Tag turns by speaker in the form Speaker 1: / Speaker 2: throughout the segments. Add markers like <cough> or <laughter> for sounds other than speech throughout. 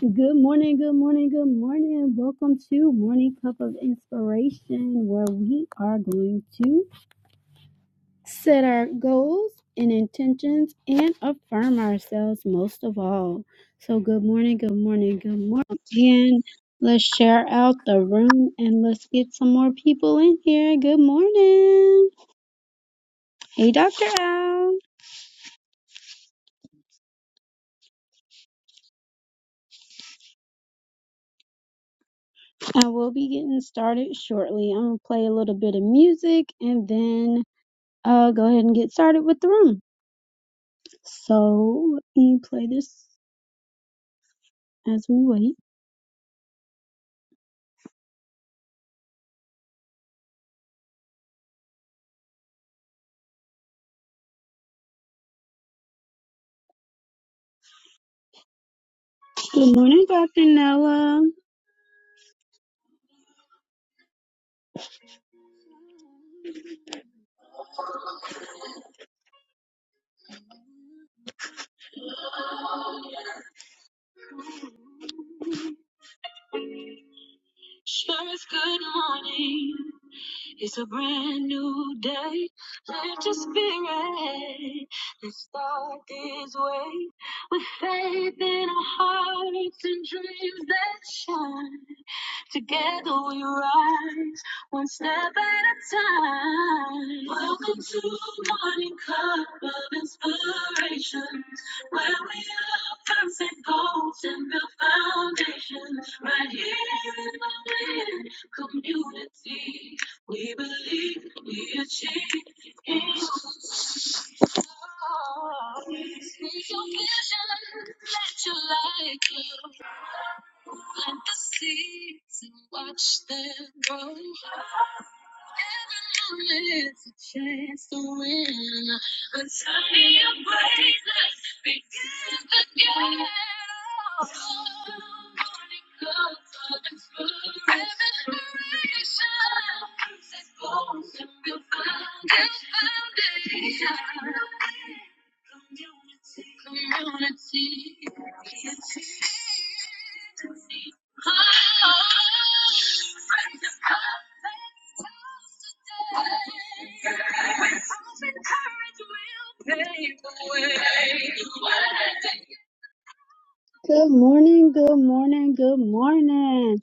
Speaker 1: Good morning, good morning, good morning. Welcome to Morning Cup of Inspiration, where we are going to set our goals and intentions and affirm ourselves most of all. So, good morning, good morning, good morning. And let's share out the room and let's get some more people in here. Good morning. Hey, Dr. Al. I will be getting started shortly. I'm going to play a little bit of music and then uh, go ahead and get started with the room. So let me play this as we wait. Good morning, Dr. Nella. Sure is good morning. It's a brand new day. Lift your spirit. Let's start this way. With faith in our hearts and dreams that shine. Together we Good morning, good morning, good morning.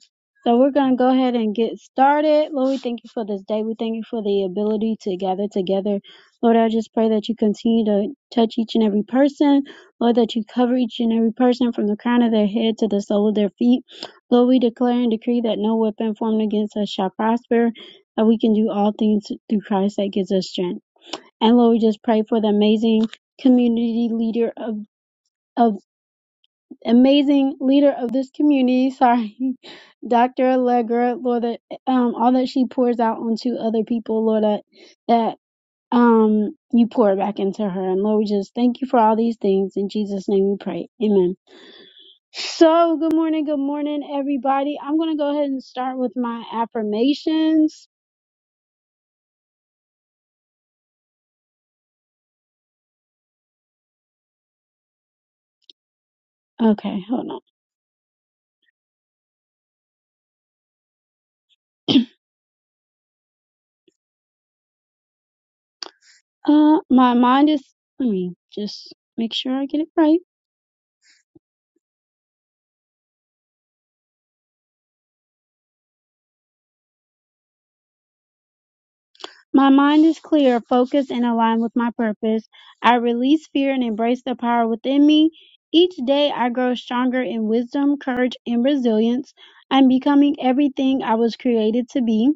Speaker 1: So we're going to go ahead and get started. Lord, we thank you for this day. We thank you for the ability to gather together. Lord, I just pray that you continue to touch each and every person. Lord, that you cover each and every person from the crown of their head to the sole of their feet. Lord, we declare and decree that no weapon formed against us shall prosper, that we can do all things through Christ that gives us strength. And Lord, we just pray for the amazing community leader of, of amazing leader of this community. Sorry, <laughs> Dr. Allegra, Lord, that um, all that she pours out onto other people, Lord, that, that um, you pour back into her. And Lord, we just thank you for all these things. In Jesus' name we pray. Amen. So, good morning, good morning, everybody. I'm going to go ahead and start with my affirmations. Okay, hold on. <clears throat> Uh, my mind is, let me just make sure I get it right. My mind is clear, focused, and aligned with my purpose. I release fear and embrace the power within me. Each day I grow stronger in wisdom, courage, and resilience. I'm becoming everything I was created to be.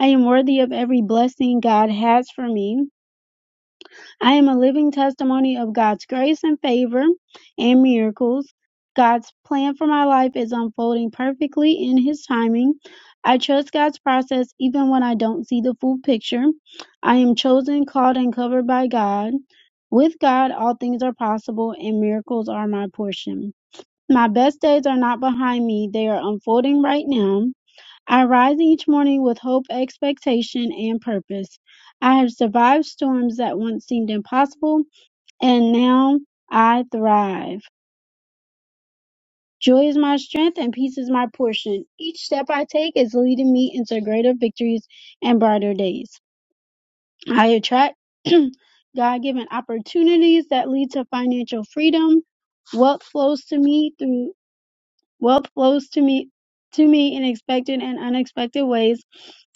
Speaker 1: I am worthy of every blessing God has for me. I am a living testimony of God's grace and favor and miracles. God's plan for my life is unfolding perfectly in His timing. I trust God's process even when I don't see the full picture. I am chosen, called, and covered by God. With God, all things are possible, and miracles are my portion. My best days are not behind me, they are unfolding right now. I rise each morning with hope, expectation, and purpose. I have survived storms that once seemed impossible, and now I thrive. Joy is my strength and peace is my portion. Each step I take is leading me into greater victories and brighter days. I attract <clears throat> God given opportunities that lead to financial freedom. Wealth flows to me through. Wealth flows to me to me in expected and unexpected ways.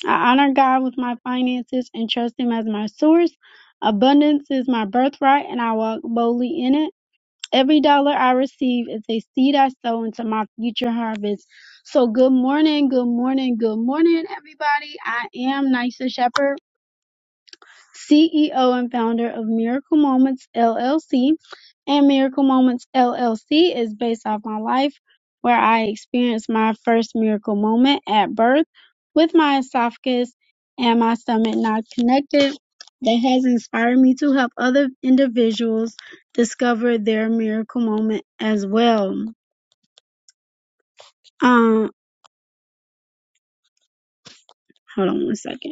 Speaker 1: I honor God with my finances and trust Him as my source. Abundance is my birthright, and I walk boldly in it. Every dollar I receive is a seed I sow into my future harvest. So, good morning, good morning, good morning, everybody. I am Nysa Shepherd CEO and founder of Miracle Moments LLC. And Miracle Moments LLC is based off my life where I experienced my first miracle moment at birth with my esophagus and my stomach not connected. That has inspired me to help other individuals discover their miracle moment as well. Um, hold on one second.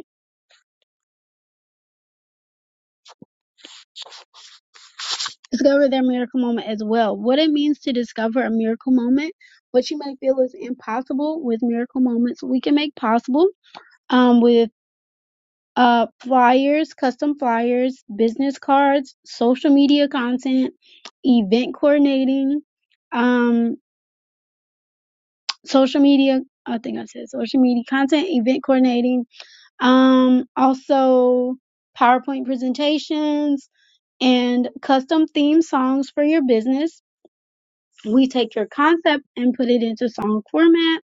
Speaker 1: discover their miracle moment as well. What it means to discover a miracle moment, what you may feel is impossible with miracle moments, we can make possible um, with uh, flyers, custom flyers, business cards, social media content, event coordinating, um, social media. I think I said social media content, event coordinating, um, also PowerPoint presentations and custom theme songs for your business we take your concept and put it into song format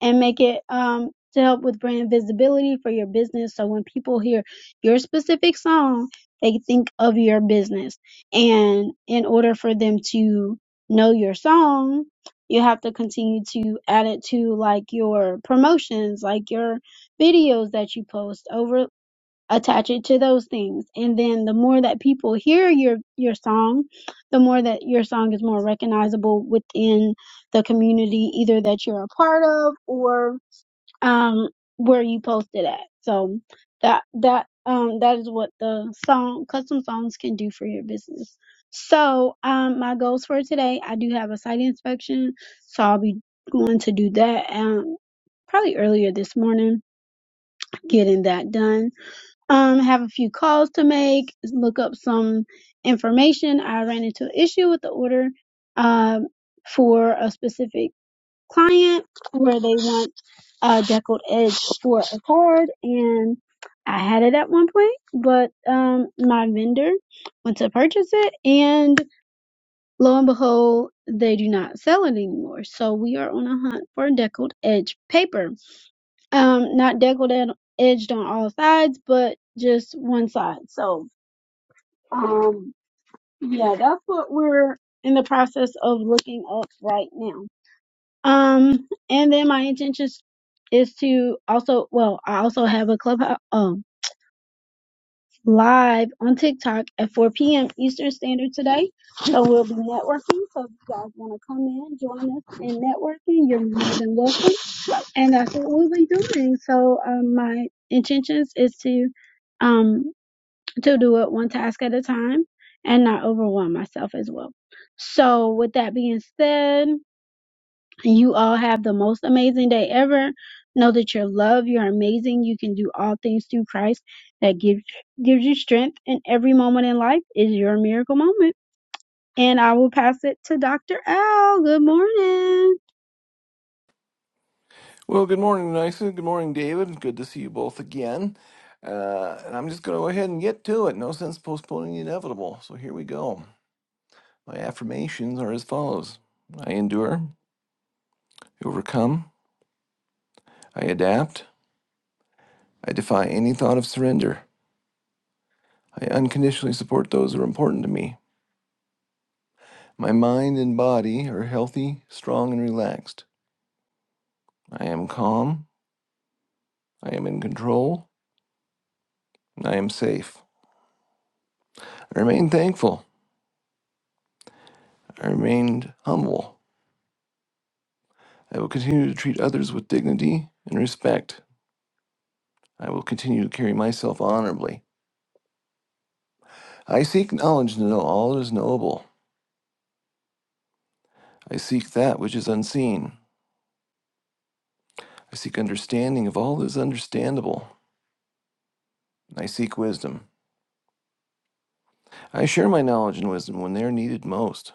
Speaker 1: and make it um to help with brand visibility for your business so when people hear your specific song they think of your business and in order for them to know your song you have to continue to add it to like your promotions like your videos that you post over attach it to those things and then the more that people hear your your song the more that your song is more recognizable within the community either that you're a part of or um where you post it at so that that um that is what the song custom songs can do for your business so um my goals for today i do have a site inspection so i'll be going to do that um probably earlier this morning getting that done um, have a few calls to make, look up some information. I ran into an issue with the order um, for a specific client where they want a deckled edge for a card, and I had it at one point, but um, my vendor went to purchase it, and lo and behold, they do not sell it anymore. So we are on a hunt for deckled edge paper um not deckled and edged on all sides but just one side so um yeah that's what we're in the process of looking up right now um and then my intention is to also well i also have a clubhouse. um, live on TikTok at 4 p.m. Eastern Standard today. So we'll be networking. So if you guys want to come in, join us in networking, you're more than welcome. And that's what we'll be doing. So um, my intentions is to um to do it one task at a time and not overwhelm myself as well. So with that being said, you all have the most amazing day ever. Know that you're loved, you're amazing, you can do all things through Christ that gives gives you strength and every moment in life is your miracle moment. And I will pass it to Dr. Al. Good morning.
Speaker 2: Well, good morning, Nysa. Good morning, David. Good to see you both again. Uh, and I'm just going to go ahead and get to it. No sense postponing the inevitable. So here we go. My affirmations are as follows I endure, I overcome, I adapt, I defy any thought of surrender. I unconditionally support those who are important to me. My mind and body are healthy, strong, and relaxed. I am calm, I am in control, and I am safe. I remain thankful, I remain humble. I will continue to treat others with dignity and respect. I will continue to carry myself honorably. I seek knowledge to know all that is knowable. I seek that which is unseen. I seek understanding of all that is understandable. I seek wisdom. I share my knowledge and wisdom when they are needed most.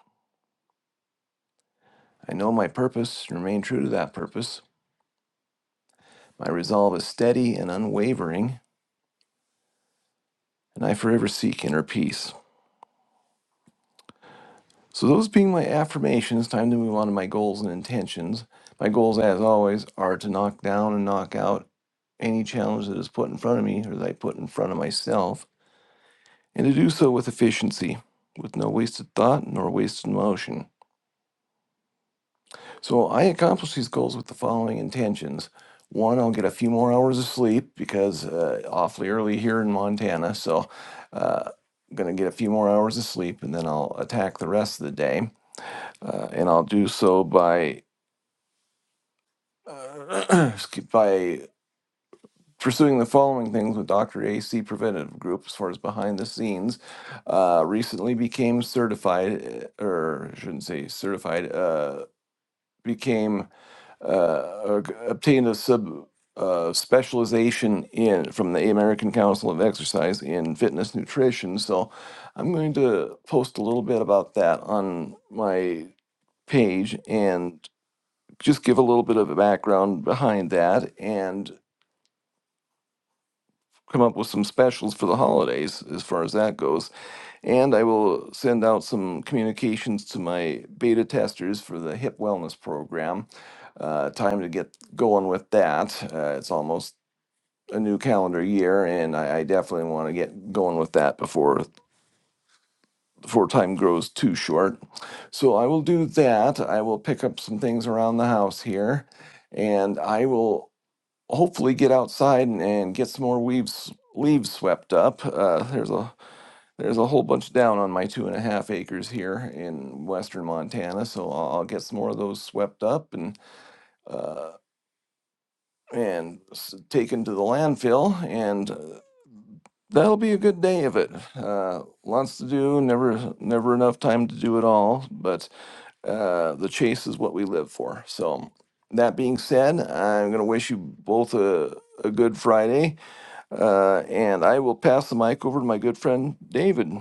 Speaker 2: I know my purpose and remain true to that purpose. My resolve is steady and unwavering, and I forever seek inner peace. So, those being my affirmations, time to move on to my goals and intentions. My goals, as always, are to knock down and knock out any challenge that is put in front of me or that I put in front of myself, and to do so with efficiency, with no wasted thought nor wasted motion. So, I accomplish these goals with the following intentions. One, I'll get a few more hours of sleep because uh, awfully early here in Montana. So, uh, I'm going to get a few more hours of sleep and then I'll attack the rest of the day. Uh, and I'll do so by uh, <clears throat> excuse- by pursuing the following things with Dr. AC Preventative Group, as far as behind the scenes, uh, recently became certified, uh, or I shouldn't say certified, uh, became uh, or g- obtained a sub. Uh, specialization in from the American Council of Exercise in fitness nutrition. So, I'm going to post a little bit about that on my page and just give a little bit of a background behind that. And come up with some specials for the holidays as far as that goes. And I will send out some communications to my beta testers for the hip wellness program. Uh, time to get going with that. Uh, it's almost a new calendar year, and I, I definitely want to get going with that before before time grows too short. So I will do that. I will pick up some things around the house here, and I will hopefully get outside and, and get some more leaves leaves swept up. Uh, there's a there's a whole bunch down on my two and a half acres here in western Montana, so I'll, I'll get some more of those swept up and uh, and s- taken to the landfill, and uh, that'll be a good day of it. Uh, lots to do, never never enough time to do it all, but uh, the chase is what we live for. So. That being said, I'm going to wish you both a, a good Friday uh, and I will pass the mic over to my good friend David.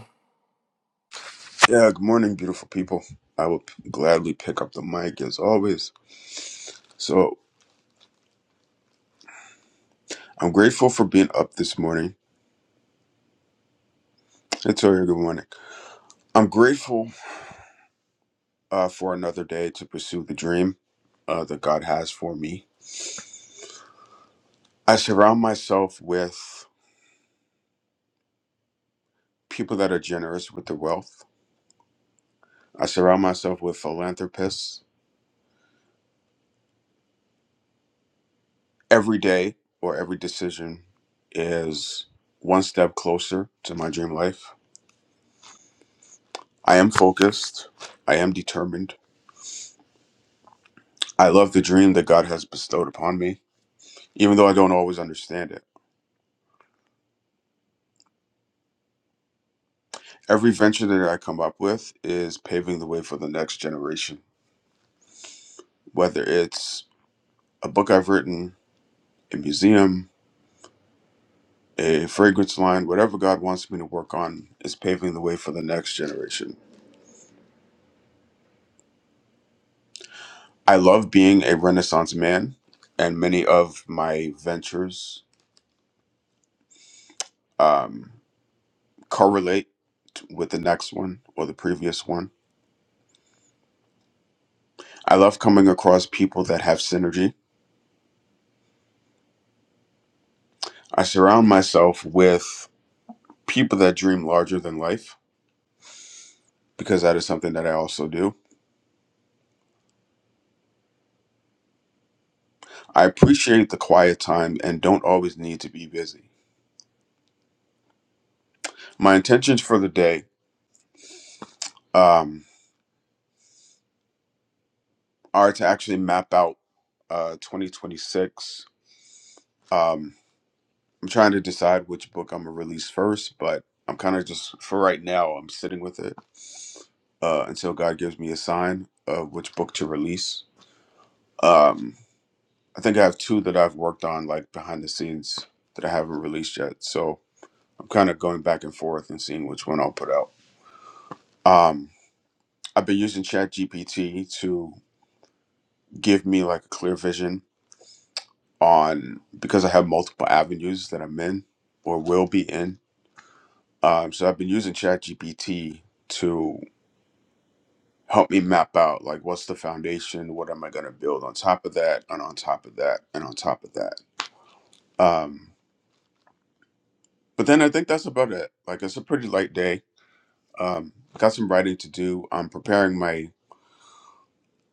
Speaker 3: Yeah, good morning, beautiful people. I will p- gladly pick up the mic as always. So I'm grateful for being up this morning. It's already good morning. I'm grateful uh, for another day to pursue the dream uh, that God has for me. I surround myself with people that are generous with their wealth. I surround myself with philanthropists. Every day or every decision is one step closer to my dream life. I am focused. I am determined. I love the dream that God has bestowed upon me, even though I don't always understand it. Every venture that I come up with is paving the way for the next generation, whether it's a book I've written, a museum, a fragrance line, whatever God wants me to work on is paving the way for the next generation. I love being a Renaissance man, and many of my ventures um, correlate t- with the next one or the previous one. I love coming across people that have synergy I surround myself with people that dream larger than life because that is something that I also do. I appreciate the quiet time and don't always need to be busy. My intentions for the day um, are to actually map out uh, 2026. Um, I'm trying to decide which book I'm going to release first, but I'm kind of just, for right now, I'm sitting with it uh, until God gives me a sign of which book to release. Um, I think I have two that I've worked on like behind the scenes that I haven't released yet. So I'm kind of going back and forth and seeing which one I'll put out. Um, I've been using ChatGPT to give me like a clear vision on because I have multiple avenues that I'm in or will be in. Um, so I've been using ChatGPT to help me map out like what's the foundation, what am I going to build on top of that, and on top of that, and on top of that. Um, but then I think that's about it. Like it's a pretty light day Um, got some writing to do. I'm preparing my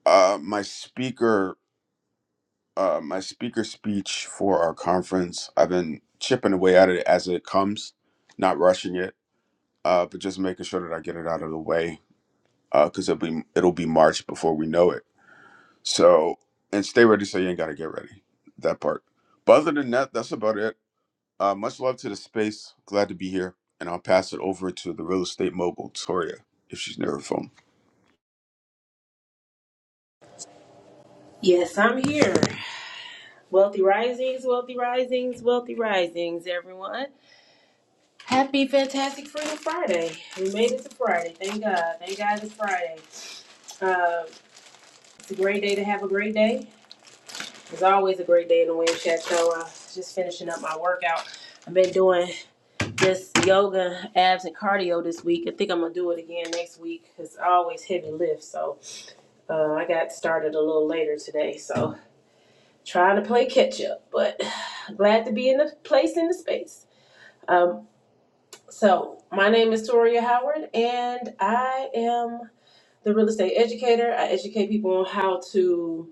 Speaker 3: uh, my speaker uh, my speaker speech for our conference. I've been chipping away at it as it comes, not rushing it, uh, but just making sure that I get it out of the way because it'll be it'll be March before we know it. So and stay ready so you ain't gotta get ready. That part. But other than that, that's about it. Uh, much love to the space. Glad to be here, and I'll pass it over to the real estate mogul Toria if she's near her phone.
Speaker 4: Yes, I'm here. Wealthy risings, wealthy risings, wealthy risings, everyone. Happy Fantastic Freedom Friday. We made it to Friday. Thank God. Thank God it's Friday. Uh, it's a great day to have a great day. It's always a great day in the Wind Chateau. Uh, just finishing up my workout. I've been doing just yoga, abs, and cardio this week. I think I'm going to do it again next week. It's always heavy lift. So uh, I got started a little later today. So trying to play catch up, but <sighs> glad to be in the place in the space. Um, so my name is Toria Howard, and I am the real estate educator. I educate people on how to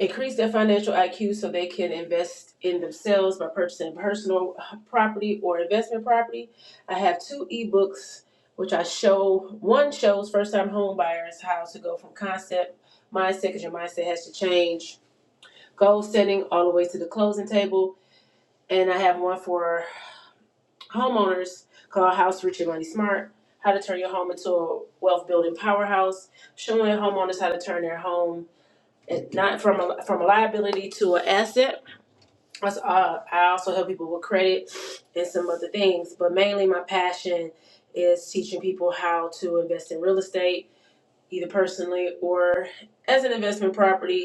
Speaker 4: increase their financial IQ so they can invest in themselves by purchasing personal property or investment property. I have two ebooks, which I show. One shows first-time home buyers how to go from concept mindset, because your mindset has to change, goal setting all the way to the closing table and I have one for homeowners called House Rich and Money Smart. How to turn your home into a wealth building powerhouse, showing homeowners how to turn their home and not from a from a liability to an asset. That's, uh, I also help people with credit and some other things, but mainly my passion is teaching people how to invest in real estate, either personally or as an investment property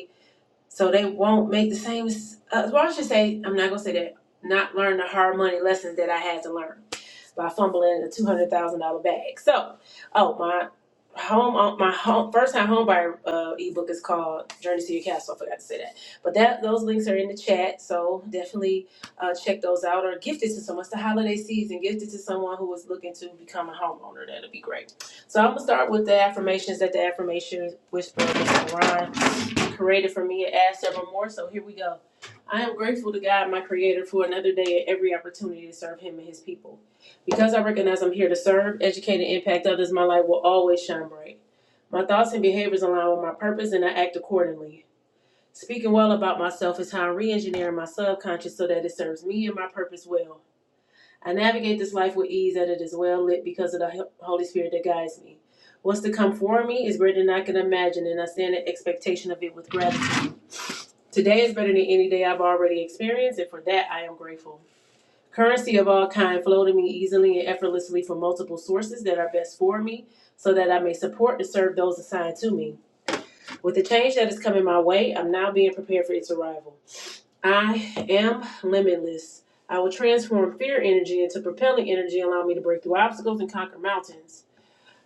Speaker 4: so they won't make the same. Uh, well, I should say I'm not gonna say that. Not learn the hard money lessons that I had to learn by fumbling a two hundred thousand dollar bag. So, oh my home, uh, my home first time homebuyer uh, ebook is called Journey to Your Castle. I forgot to say that, but that those links are in the chat. So definitely uh, check those out or gift it to someone. It's the holiday season. Gift it to someone who is looking to become a homeowner. That'll be great. So I'm gonna start with the affirmations that the affirmation whisperer, Mr. Ron created for me and add several more. So here we go. I am grateful to God, my Creator, for another day and every opportunity to serve Him and His people. Because I recognize I'm here to serve, educate, and impact others, my light will always shine bright. My thoughts and behaviors align with my purpose, and I act accordingly. Speaking well about myself is how I'm re engineering my subconscious so that it serves me and my purpose well. I navigate this life with ease, and it is well lit because of the Holy Spirit that guides me. What's to come for me is greater than I can imagine, and I stand in expectation of it with gratitude. Today is better than any day I've already experienced, and for that I am grateful. Currency of all kind flow to me easily and effortlessly from multiple sources that are best for me, so that I may support and serve those assigned to me. With the change that is coming my way, I'm now being prepared for its arrival. I am limitless. I will transform fear energy into propelling energy, allowing me to break through obstacles and conquer mountains.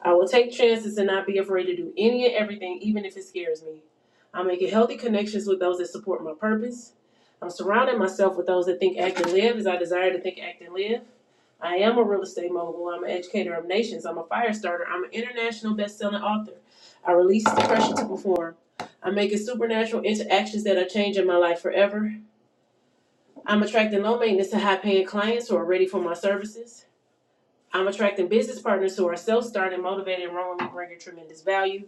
Speaker 4: I will take chances and not be afraid to do any and everything, even if it scares me. I'm making healthy connections with those that support my purpose. I'm surrounding myself with those that think, act, and live as I desire to think, act, and live. I am a real estate mogul. I'm an educator of nations. I'm a fire starter. I'm an international best-selling author. I release the pressure to perform. I'm making supernatural interactions that are changing my life forever. I'm attracting low maintenance and high paying clients who are ready for my services. I'm attracting business partners who are self starting, motivated, and wrongly bringing tremendous value.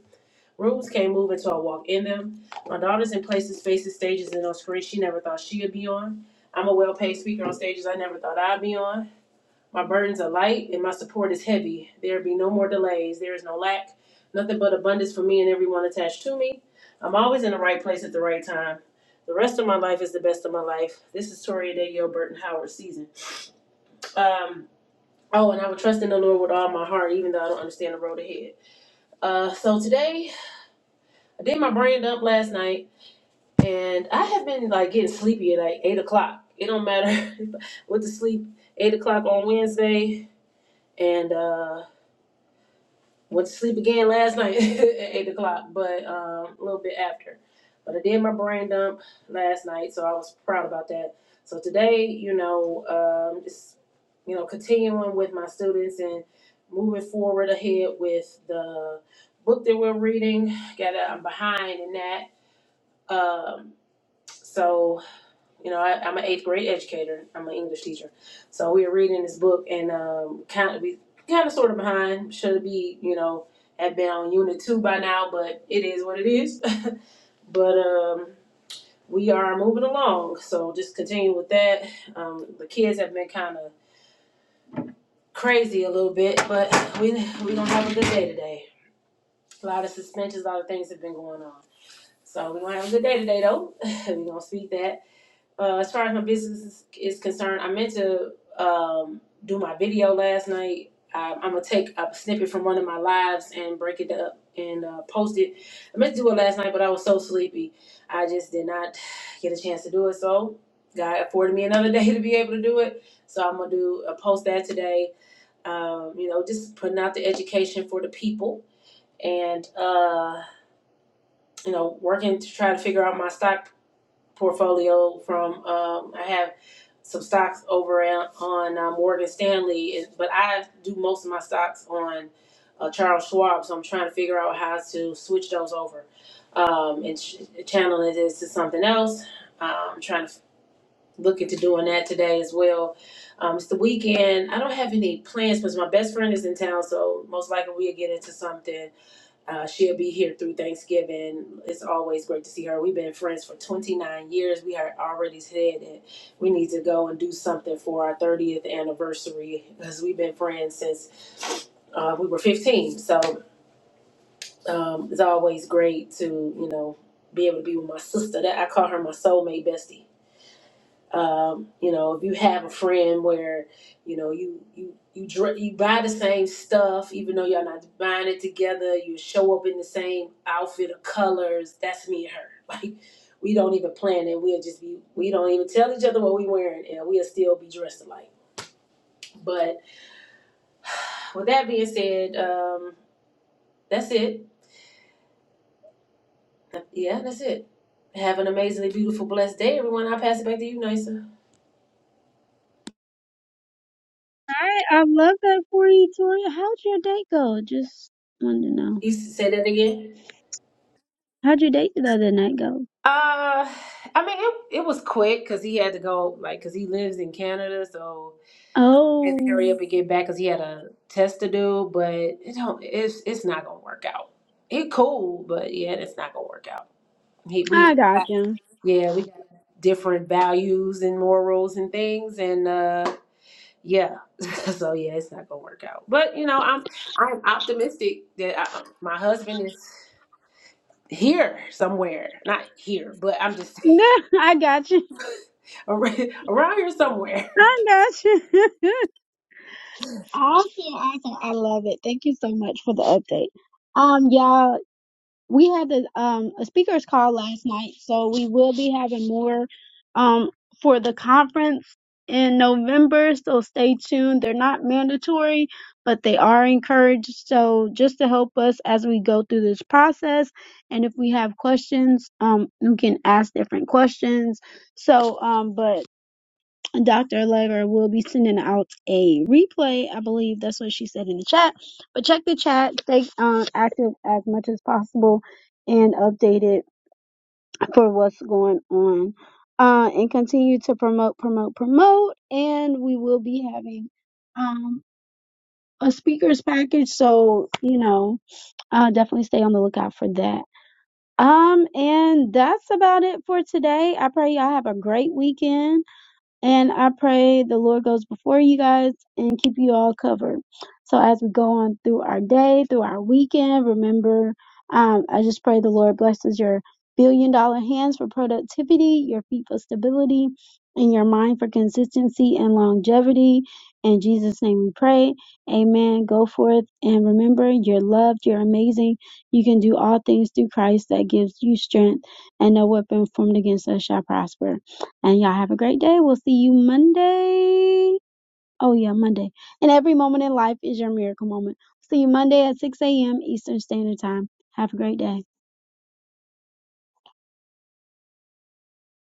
Speaker 4: Rooms came moving till I walked in them. My daughter's in places, faces, stages, and on screens she never thought she'd be on. I'm a well paid speaker on stages I never thought I'd be on. My burdens are light and my support is heavy. There be no more delays. There is no lack. Nothing but abundance for me and everyone attached to me. I'm always in the right place at the right time. The rest of my life is the best of my life. This is Toria Day Gilbert and Howard season. Um, oh, and I would trust in the Lord with all my heart, even though I don't understand the road ahead. Uh, so today, I did my brand up last night. and I have been like getting sleepy at like eight o'clock. It don't matter. <laughs> went to sleep eight o'clock on Wednesday, and uh, went to sleep again last night <laughs> at eight o'clock, but um, a little bit after. But I did my brain dump last night, so I was proud about that. So today, you know, um, just you know, continuing with my students and moving forward ahead with the book that we're reading. Got I'm behind in that. Um, so You know, I, I'm an eighth grade educator. I'm an English teacher, so we were reading this book, and um, kind of we kind of sort of behind. Should be, you know, have been on unit two by now, but it is what it is. <laughs> but um, we are moving along, so just continue with that. Um, the kids have been kind of crazy a little bit, but we we gonna have a good day today. A lot of suspensions, a lot of things have been going on, so we gonna have a good day today though. <laughs> we gonna speak that. Uh, as far as my business is, is concerned, I meant to um, do my video last night. I, I'm gonna take a snippet from one of my lives and break it up and uh, post it. I meant to do it last night, but I was so sleepy, I just did not get a chance to do it. So God afforded me another day <laughs> to be able to do it. So I'm gonna do uh, post that today. Um, you know, just putting out the education for the people and uh, you know, working to try to figure out my stock portfolio from um, I have some stocks over on uh, Morgan Stanley, but I do most of my stocks on uh, Charles Schwab, so I'm trying to figure out how to switch those over um, and ch- channel it into something else. Um, I'm trying to look into doing that today as well. Um, it's the weekend. I don't have any plans because my best friend is in town, so most likely we'll get into something uh, she'll be here through Thanksgiving. It's always great to see her. We've been friends for 29 years. We had already said that we need to go and do something for our 30th anniversary because we've been friends since uh, we were 15. So um, it's always great to, you know, be able to be with my sister. That I call her my soulmate bestie um, you know if you have a friend where you know you you you dr- you buy the same stuff even though y'all not buying it together you show up in the same outfit or colors that's me and her <laughs> like we don't even plan it we'll just be we don't even tell each other what we wearing and we'll still be dressed alike but with that being said um, that's it yeah that's it have an amazingly beautiful blessed day everyone i'll pass it back to you nisa
Speaker 1: Hi, I love that for you, Toria. How'd your day go? Just wanted to know.
Speaker 4: you s- say that again
Speaker 1: How'd your date the other night go?
Speaker 4: Uh, I mean, it, it was quick because he had to go, like, because he lives in Canada, so he had
Speaker 1: Oh,
Speaker 4: to hurry up and get back because he had a test to do. But it don't, it's it's not gonna work out. It cool, but yeah, it's not gonna work out. He, we,
Speaker 1: I got
Speaker 4: got-
Speaker 1: you.
Speaker 4: yeah, we got different values and morals and things, and uh, yeah, <laughs> so yeah, it's not gonna work out. But you know, I'm I'm optimistic that I, my husband is here somewhere, not here, but I'm just
Speaker 1: <laughs> I got you.
Speaker 4: <laughs> around here somewhere.
Speaker 1: I got you. <laughs> Awesome, awesome. I love it. Thank you so much for the update. Um, y'all, we had the um a speakers call last night, so we will be having more um for the conference in November, so stay tuned. They're not mandatory, but they are encouraged. So just to help us as we go through this process and if we have questions, um you can ask different questions. So um but Dr. Lever will be sending out a replay. I believe that's what she said in the chat. But check the chat, stay um, active as much as possible, and updated for what's going on. Uh, and continue to promote, promote, promote. And we will be having um, a speakers package. So, you know, uh, definitely stay on the lookout for that. Um, and that's about it for today. I pray y'all have a great weekend and I pray the Lord goes before you guys and keep you all covered. So as we go on through our day, through our weekend, remember, um, I just pray the Lord blesses your billion dollar hands for productivity, your feet for stability, and your mind for consistency and longevity. In Jesus' name we pray. Amen. Go forth and remember you're loved, you're amazing. You can do all things through Christ that gives you strength, and no weapon formed against us shall prosper. And y'all have a great day. We'll see you Monday. Oh, yeah, Monday. And every moment in life is your miracle moment. See you Monday at 6 a.m. Eastern Standard Time. Have a great day.